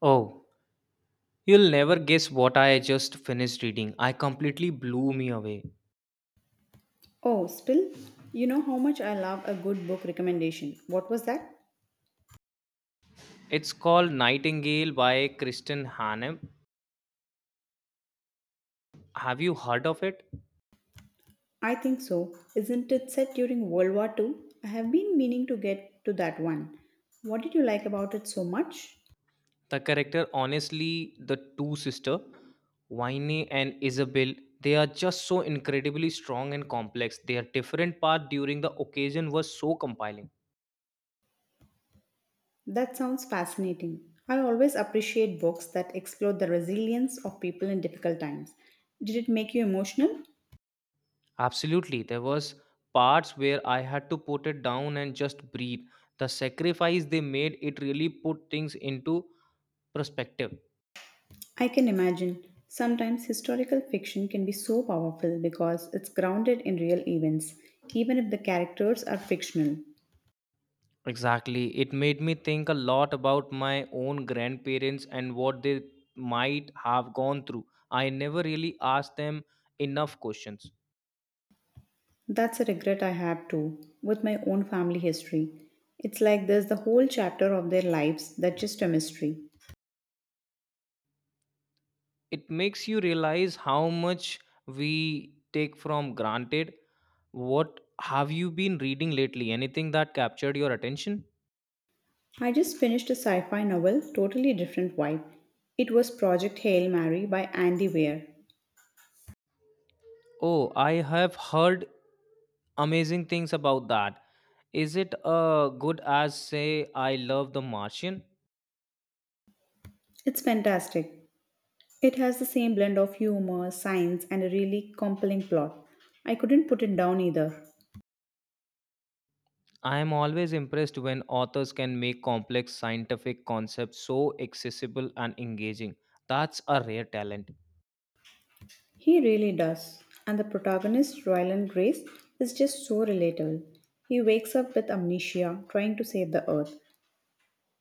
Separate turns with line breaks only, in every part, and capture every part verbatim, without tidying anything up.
Oh, you'll never guess what I just finished reading. I completely blew me away.
Oh, Spill, you know how much I love a good book recommendation. What was that?
It's called Nightingale by Kristen Hanem. Have you heard of it?
I think so. Isn't it set during World War Two? I have been meaning to get to that one. What did you like about it so much?
The character, honestly, the two sister, Winnie and Isabel, they are just so incredibly strong and complex. Their different part during the occasion was so compelling.
That sounds fascinating. I always appreciate books that explore the resilience of people in difficult times. Did it make you emotional?
Absolutely, there was parts where I had to put it down and just breathe. The sacrifice they made, it really put things into perspective.
I can imagine. Sometimes historical fiction can be so powerful because it's grounded in real events, even if the characters are fictional.
Exactly. It made me think a lot about my own grandparents and what they might have gone through. I never really asked them enough questions.
That's a regret I have too, with my own family history. It's like there's the whole chapter of their lives that's just a mystery.
It makes you realize how much we take from granted. What have you been reading lately? Anything that captured your attention?
I just finished a sci fi novel, totally different vibe. It was Project Hail Mary by Andy Weir.
Oh, I have heard amazing things about that. Is it uh, good as say I love the Martian?
It's fantastic. It has the same blend of humor, science, and a really compelling plot. I couldn't put it down either.
I am always impressed when authors can make complex scientific concepts so accessible and engaging. That's a rare talent.
He really does. And the protagonist, Ryland Grace, is just so relatable. He wakes up with amnesia, trying to save the earth.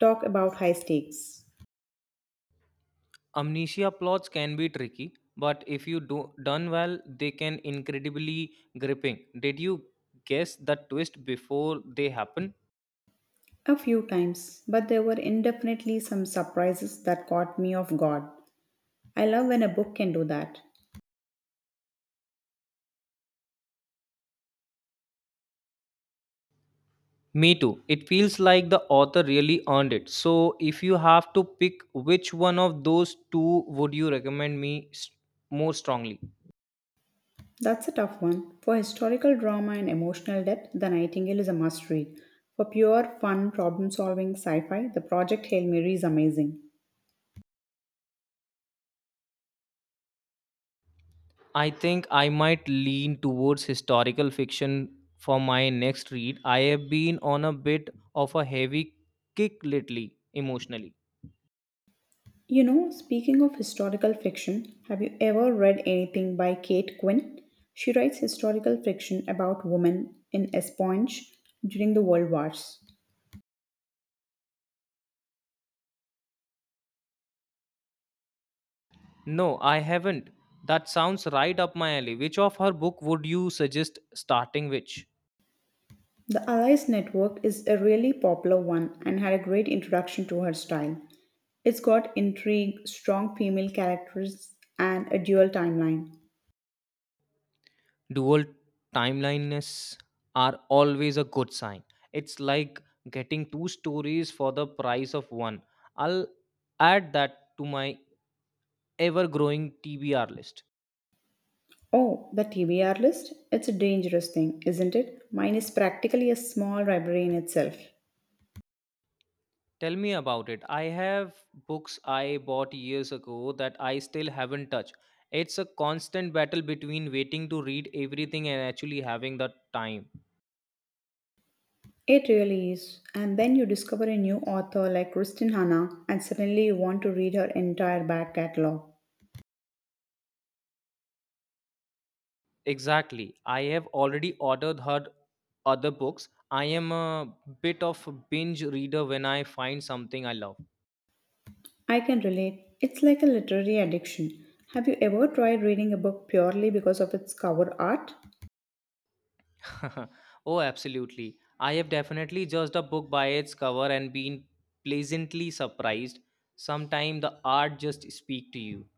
Talk about high stakes.
Amnesia plots can be tricky, but if you do done well, they can incredibly gripping. Did you guess the twist before they happen?
A few times, but there were indefinitely some surprises that caught me off guard. I love when a book can do that.
Me too. It feels like the author really earned it. So, if you have to pick which one of those two would you recommend me s- more strongly?
That's a tough one. For historical drama and emotional depth, The Nightingale is a must read. For pure, fun, problem solving sci fi, The Project Hail Mary is amazing.
I think I might lean towards historical fiction for my next read. I have been on a bit of a heavy kick lately, emotionally.
You know, speaking of historical fiction, have you ever read anything by Kate Quinn? She writes historical fiction about women in espionage during the World Wars.
No, I haven't. That sounds right up my alley. Which of her book would you suggest starting which?
The Allies Network is a really popular one and had a great introduction to her style. It's got intrigue, strong female characters, and a dual timeline.
Dual timeliness are always a good sign. It's like getting two stories for the price of one. I'll add that to my ever growing T B R list.
Oh, the T B R list? It's a dangerous thing, isn't it? Mine is practically a small library in itself.
Tell me about it. I have books I bought years ago that I still haven't touched. It's a constant battle between waiting to read everything and actually having the time.
It really is. And then you discover a new author like Kristin Hanna, and suddenly you want to read her entire back catalogue.
Exactly. I have already ordered her other books. I am a bit of a binge reader when I find something I love.
I can relate. It's like a literary addiction. Have you ever tried reading a book purely because of its cover art?
Oh, absolutely. I have definitely judged a book by its cover and been pleasantly surprised. Sometimes the art just speak to you.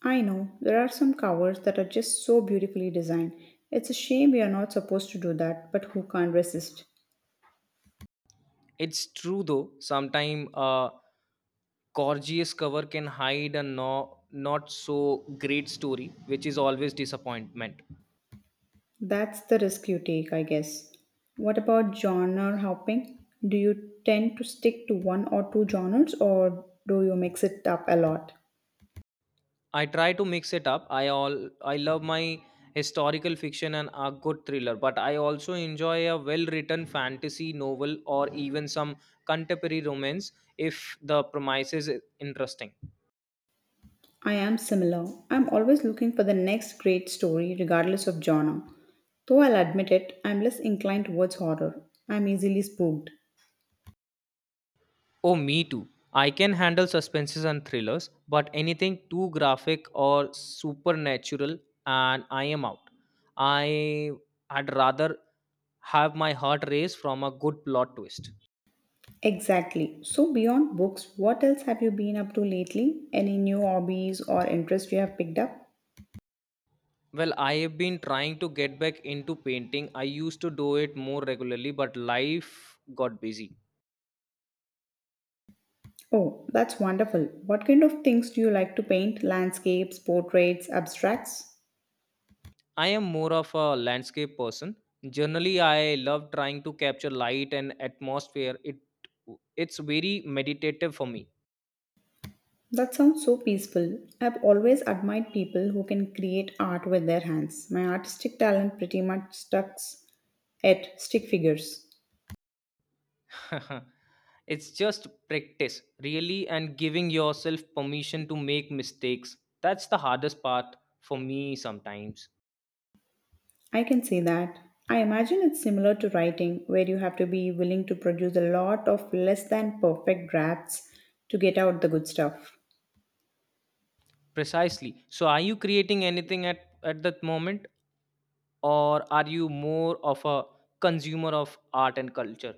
I know, there are some covers that are just so beautifully designed. It's a shame we are not supposed to do that, but who can't resist?
It's true though. Sometimes a gorgeous cover can hide a no, not so great story, which is always disappointment.
That's the risk you take, I guess. What about genre hopping? Do you tend to stick to one or two genres or do you mix it up a lot?
I try to mix it up. I all I love my historical fiction and a good thriller, but I also enjoy a well-written fantasy novel or even some contemporary romance if the premise is interesting.
I am similar. I'm always looking for the next great story, regardless of genre. Though I'll admit it, I'm less inclined towards horror. I'm easily spooked.
Oh, me too. I can handle suspenses and thrillers, but anything too graphic or supernatural, and I am out. I would rather have my heart race from a good plot twist.
Exactly. So, beyond books, what else have you been up to lately? Any new hobbies or interests you have picked up?
Well, I have been trying to get back into painting. I used to do it more regularly, but life got busy.
Oh, that's wonderful. What kind of things do you like to paint? Landscapes, portraits, abstracts?
I am more of a landscape person. Generally, I love trying to capture light and atmosphere. It it's very meditative for me.
That sounds so peaceful. I've always admired people who can create art with their hands. My artistic talent pretty much stucks at stick figures.
It's just practice, really, and giving yourself permission to make mistakes. That's the hardest part for me sometimes.
I can say that. I imagine it's similar to writing, where you have to be willing to produce a lot of less than perfect drafts to get out the good stuff.
Precisely. So, are you creating anything at, at that moment, or are you more of a consumer of art and culture?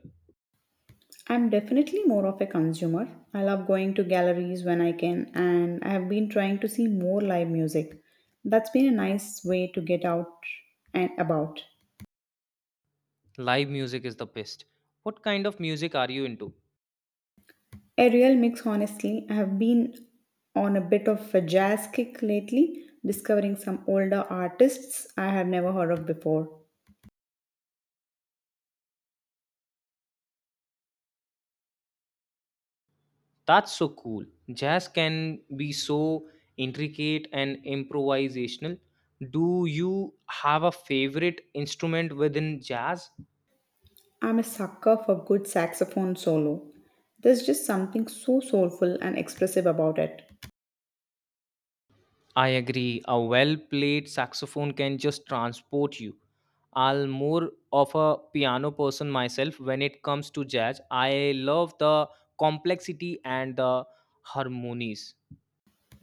I'm definitely more of a consumer. I love going to galleries when I can, and I have been trying to see more live music. That's been a nice way to get out and about.
Live music is the best. What kind of music are you into?
A real mix, honestly. I have been on a bit of a jazz kick lately, discovering some older artists I had never heard of before.
That's so cool. Jazz can be so intricate and improvisational. Do you have a favorite instrument within jazz?
I'm a sucker for good saxophone solo. There's just something so soulful and expressive about it.
I agree. A well played saxophone can just transport you. I'll more of a piano person myself when it comes to jazz. I love the complexity and the harmonies.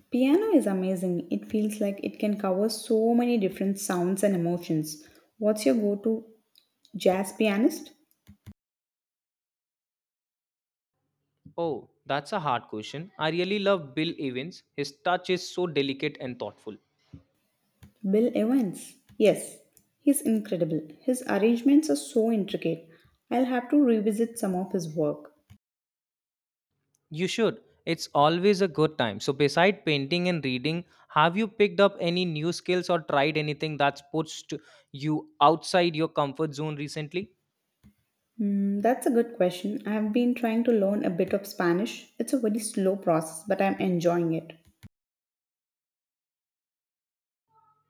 Piano is amazing. It feels like it can cover so many different sounds and emotions. What's your go to jazz pianist?
Oh, that's a hard question. I really love Bill Evans. His touch is so delicate and thoughtful.
Bill Evans. Yes, he's incredible. His arrangements are so intricate. I'll have to revisit some of his work.
You should. It's always a good time. So, beside painting and reading, have you picked up any new skills or tried anything that's pushed you outside your comfort zone recently?
Hmm, that's a good question. I have been trying to learn a bit of Spanish. It's a very slow process, but I'm enjoying it.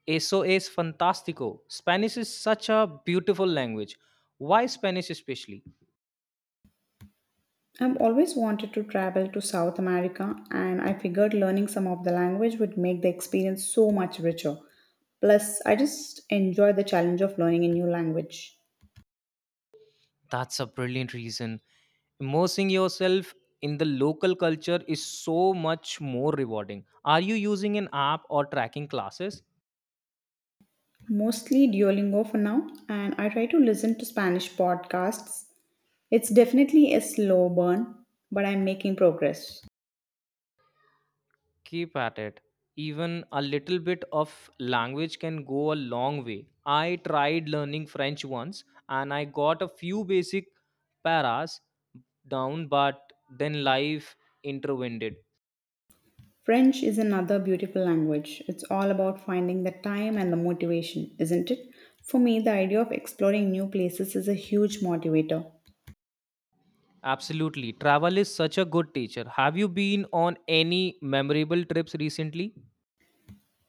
Eso es fantástico. Spanish is such a beautiful language. Why Spanish, especially?
I've always wanted to travel to South America, and I figured learning some of the language would make the experience so much richer. Plus, I just enjoy the challenge of learning a new language.
That's a brilliant reason. Immersing yourself in the local culture is so much more rewarding. Are you using an app or tracking classes?
Mostly Duolingo for now, and I try to listen to Spanish podcasts. It's definitely a slow burn, but I'm making progress.
Keep at it, even a little bit of language can go a long way. I tried learning French once and I got a few basic paras down, but then life intervened.
French is another beautiful language. It's all about finding the time and the motivation, isn't it? For me, the idea of exploring new places is a huge motivator.
Absolutely, travel is such a good teacher. Have you been on any memorable trips recently?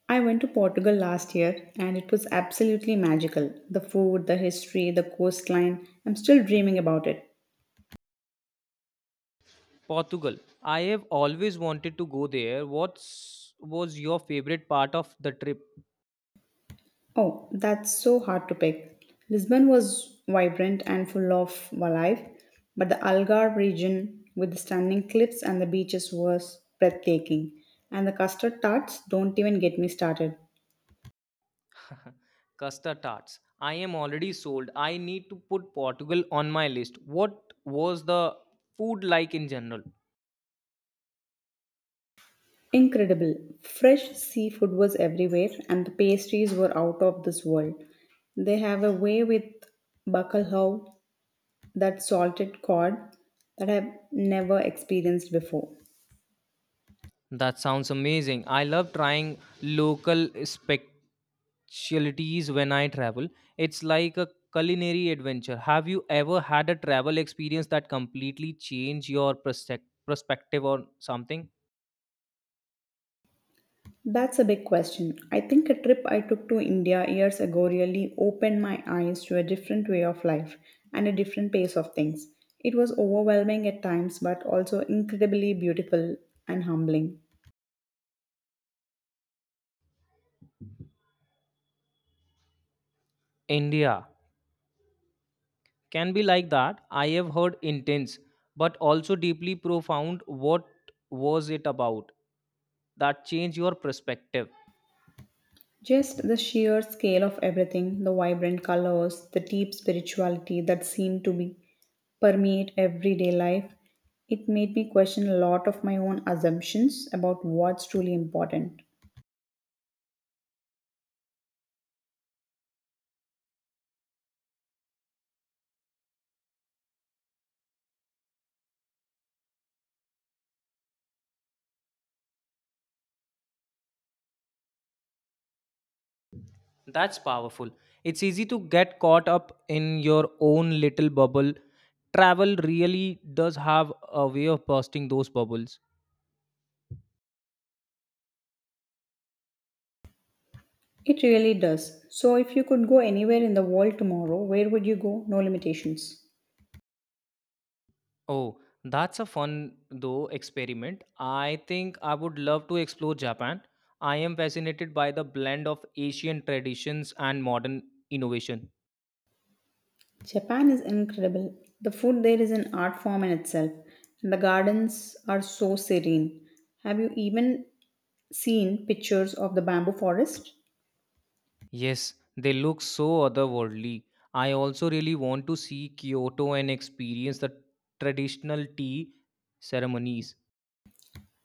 I went to Portugal last year and it was absolutely magical. The food, the history, the coastline. I'm still dreaming about it.
Portugal, I have always wanted to go there. What's was your favorite part of the trip?
Oh, that's so hard to pick. Lisbon was vibrant and full of life, but the Algarve region with the stunning cliffs and the beaches was breathtaking. And the custard tarts don't even get me started.
Custard tarts. I am already sold. I need to put Portugal on my list. What was the food like in general?
Incredible. Fresh seafood was everywhere and the pastries were out of this world. They have a way with bacalhau, that salted cod, that I've never experienced before.
That sounds amazing. I love trying local specialties when I travel. It's like a culinary adventure. Have you ever had a travel experience that completely changed your perspec- perspective on something?
That's a big question. I think a trip I took to India years ago really opened my eyes to a different way of life and a different pace of things. It was overwhelming at times, but also incredibly beautiful and humbling.
India can be like that. I have heard intense, but also deeply profound. What was it about that changed your perspective?
Just the sheer scale of everything, the vibrant colors, the deep spirituality that seemed to be permeate everyday life, it made me question a lot of my own assumptions about what's truly important.
That's powerful. It's easy to get caught up in your own little bubble. Travel really does have a way of bursting those bubbles.
It really does. So if you could go anywhere in the world tomorrow, where would you go? No limitations.
Oh, that's a fun though experiment. I think I would love to explore Japan. I am fascinated by the blend of Asian traditions and modern innovation.
Japan is incredible. The food there is an art form in itself, and the gardens are so serene. Have you even seen pictures of the bamboo forest?
Yes, they look so otherworldly. I also really want to see Kyoto and experience the traditional tea ceremonies.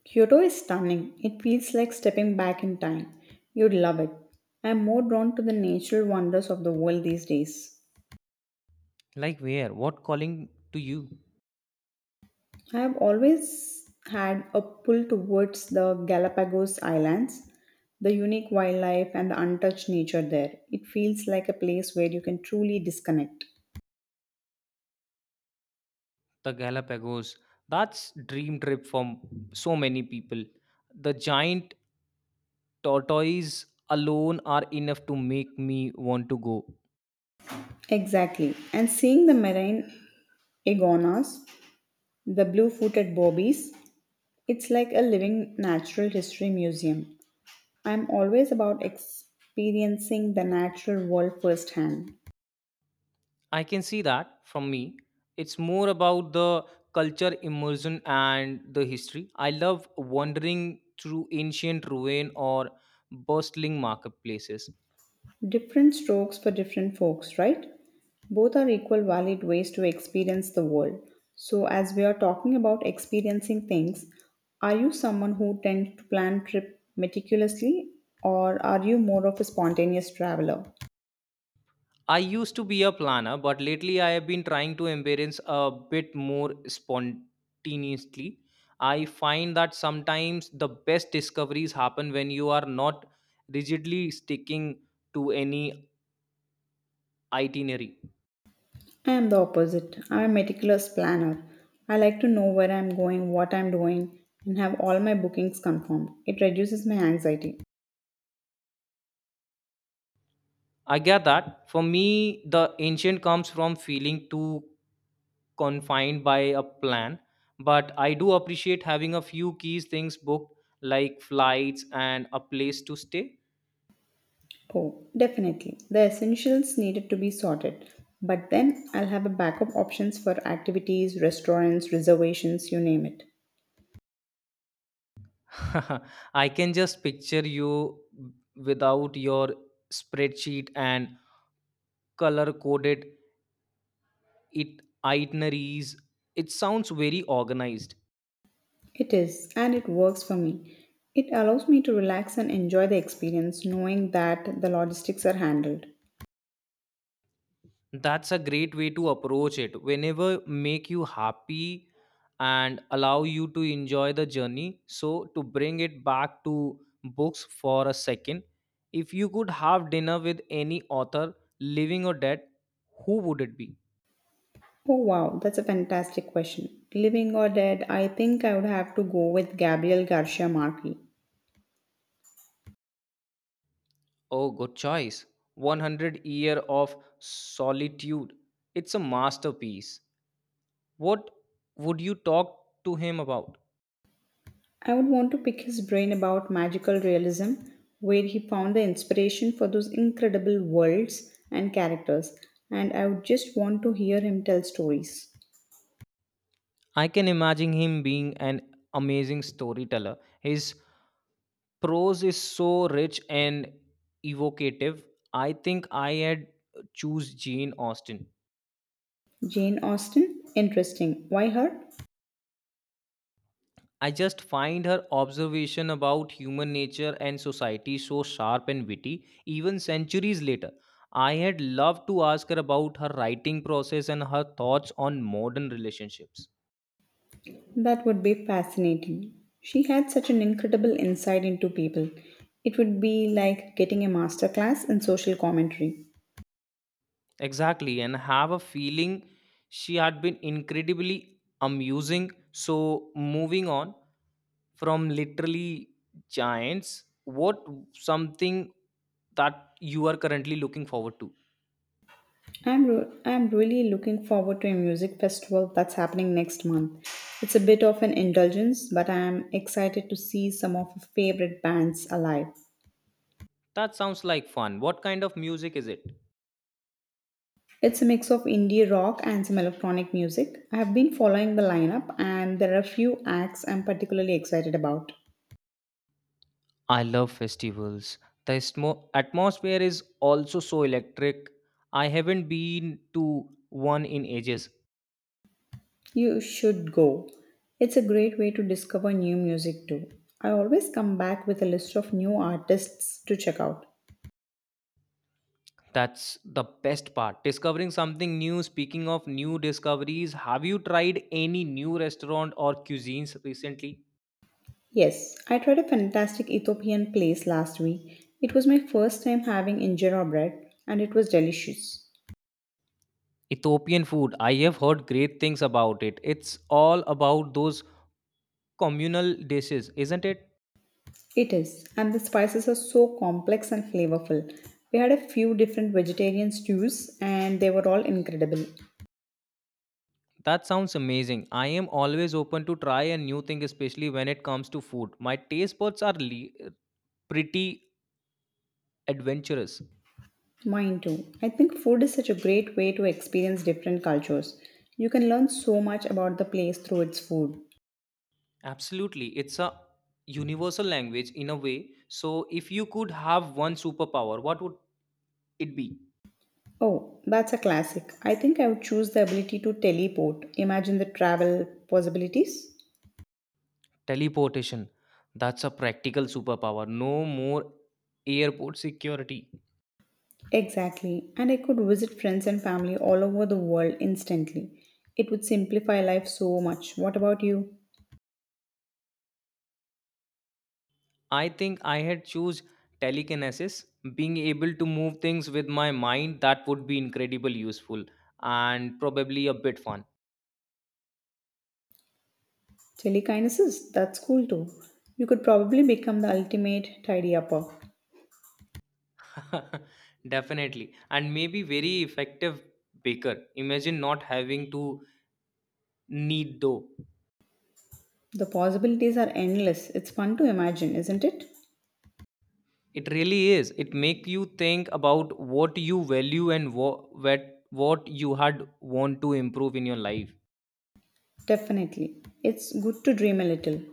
Kyoto is stunning. It feels like stepping back in time. You'd love it. I'm more drawn to the natural wonders of the world these days.
Like where? What calling to you?
I have always had a pull towards the Galapagos Islands, the unique wildlife, and the untouched nature there. It feels like a place where you can truly disconnect.
The Galapagos. That's dream trip for so many people. The giant tortoise alone are enough to make me want to go.
Exactly. And seeing the marine iguanas, the blue footed bobbies, it's like a living natural history museum. I'm always about experiencing the natural world firsthand.
I can see that from me. It's more about the culture immersion and the history. I love wandering through ancient ruin or bustling marketplaces.
Different strokes for different folks, right? Both are equal valid ways to experience the world. So, as we are talking about experiencing things, are you someone who tends to plan trip meticulously or are you more of a spontaneous traveler?
I used to be a planner, but lately I have been trying to embrace a bit more spontaneously. I find that sometimes the best discoveries happen when you are not rigidly sticking to any itinerary.
I am the opposite. I am a meticulous planner. I like to know where I am going, what I am doing, and have all my bookings confirmed. It reduces my anxiety.
I get that. For me, the ancient comes from feeling too confined by a plan, but I do appreciate having a few keys things booked, like flights and a place to stay.
Oh, definitely. The essentials needed to be sorted. But then I'll have a backup options for activities, restaurants, reservations, you name it.
I can just picture you without your spreadsheet and color coded it itineraries. It sounds very organized.
It is, and it works for me. It allows me to relax and enjoy the experience knowing that the logistics are handled.
That's a great way to approach it, whenever make you happy and allow you to enjoy the journey. So, to bring it back to books for a second, if you could have dinner with any author, living or dead, who would it be?
Oh wow, that's a fantastic question. Living or dead, I think I would have to go with Gabriel Garcia Marquez.
Oh, good choice. one hundred year of solitude, it's a masterpiece. What would you talk to him about?
I would want to pick his brain about magical realism, where he found the inspiration for those incredible worlds and characters, and I would just want to hear him tell stories.
I can imagine him being an amazing storyteller. His prose is so rich and evocative. I think I had uh, choose Jane Austen.
Jane Austen? Interesting. Why her?
I just find her observation about human nature and society so sharp and witty, even centuries later. I had loved to ask her about her writing process and her thoughts on modern relationships.
That would be fascinating. She had such an incredible insight into people. It would be like getting a masterclass in social commentary.
Exactly, and have a feeling she had been incredibly amusing. So, moving on from literally giants, what something that you are currently looking forward to?
I'm, ro- I'm really looking forward to a music festival that's happening next month. It's a bit of an indulgence, but I'm excited to see some of my favorite bands alive.
That sounds like fun. What kind of music is it?
It's a mix of indie rock and some electronic music. I have been following the lineup, and there are a few acts I'm particularly excited about.
I love festivals. The smo- atmosphere is also so electric. I haven't been to one in ages.
You should go. It's a great way to discover new music too. I always come back with a list of new artists to check out.
That's the best part, discovering something new. Speaking of new discoveries, have you tried any new restaurant or cuisines recently?
Yes, I tried a fantastic Ethiopian place last week. It was my first time having injera bread and it was delicious.
Ethiopian food. I have heard great things about it. It's all about those communal dishes, isn't it?
It is, and the spices are so complex and flavorful. We had a few different vegetarian stews and they were all incredible.
That sounds amazing. I am always open to try a new thing, especially when it comes to food. My taste buds are le- pretty adventurous.
Mine too. I think food is such a great way to experience different cultures. You can learn so much about the place through its food.
Absolutely. It's a universal language in a way. So, if you could have one superpower, what would it be?
Oh, that's a classic. I think I would choose the ability to teleport. Imagine the travel possibilities.
Teleportation. That's a practical superpower. No more airport security.
Exactly, and I could visit friends and family all over the world instantly. It would simplify life so much. What about you?
I think I had choose telekinesis, being able to move things with my mind. That would be incredibly useful and probably a bit fun.
Telekinesis? That's cool too. You could probably become the ultimate tidy upper.
Definitely. And maybe very effective baker. Imagine not having to knead dough.
The possibilities are endless. It's fun to imagine, isn't it?
It really is. It make you think about what you value and what what you had want to improve in your life.
Definitely. It's good to dream a little.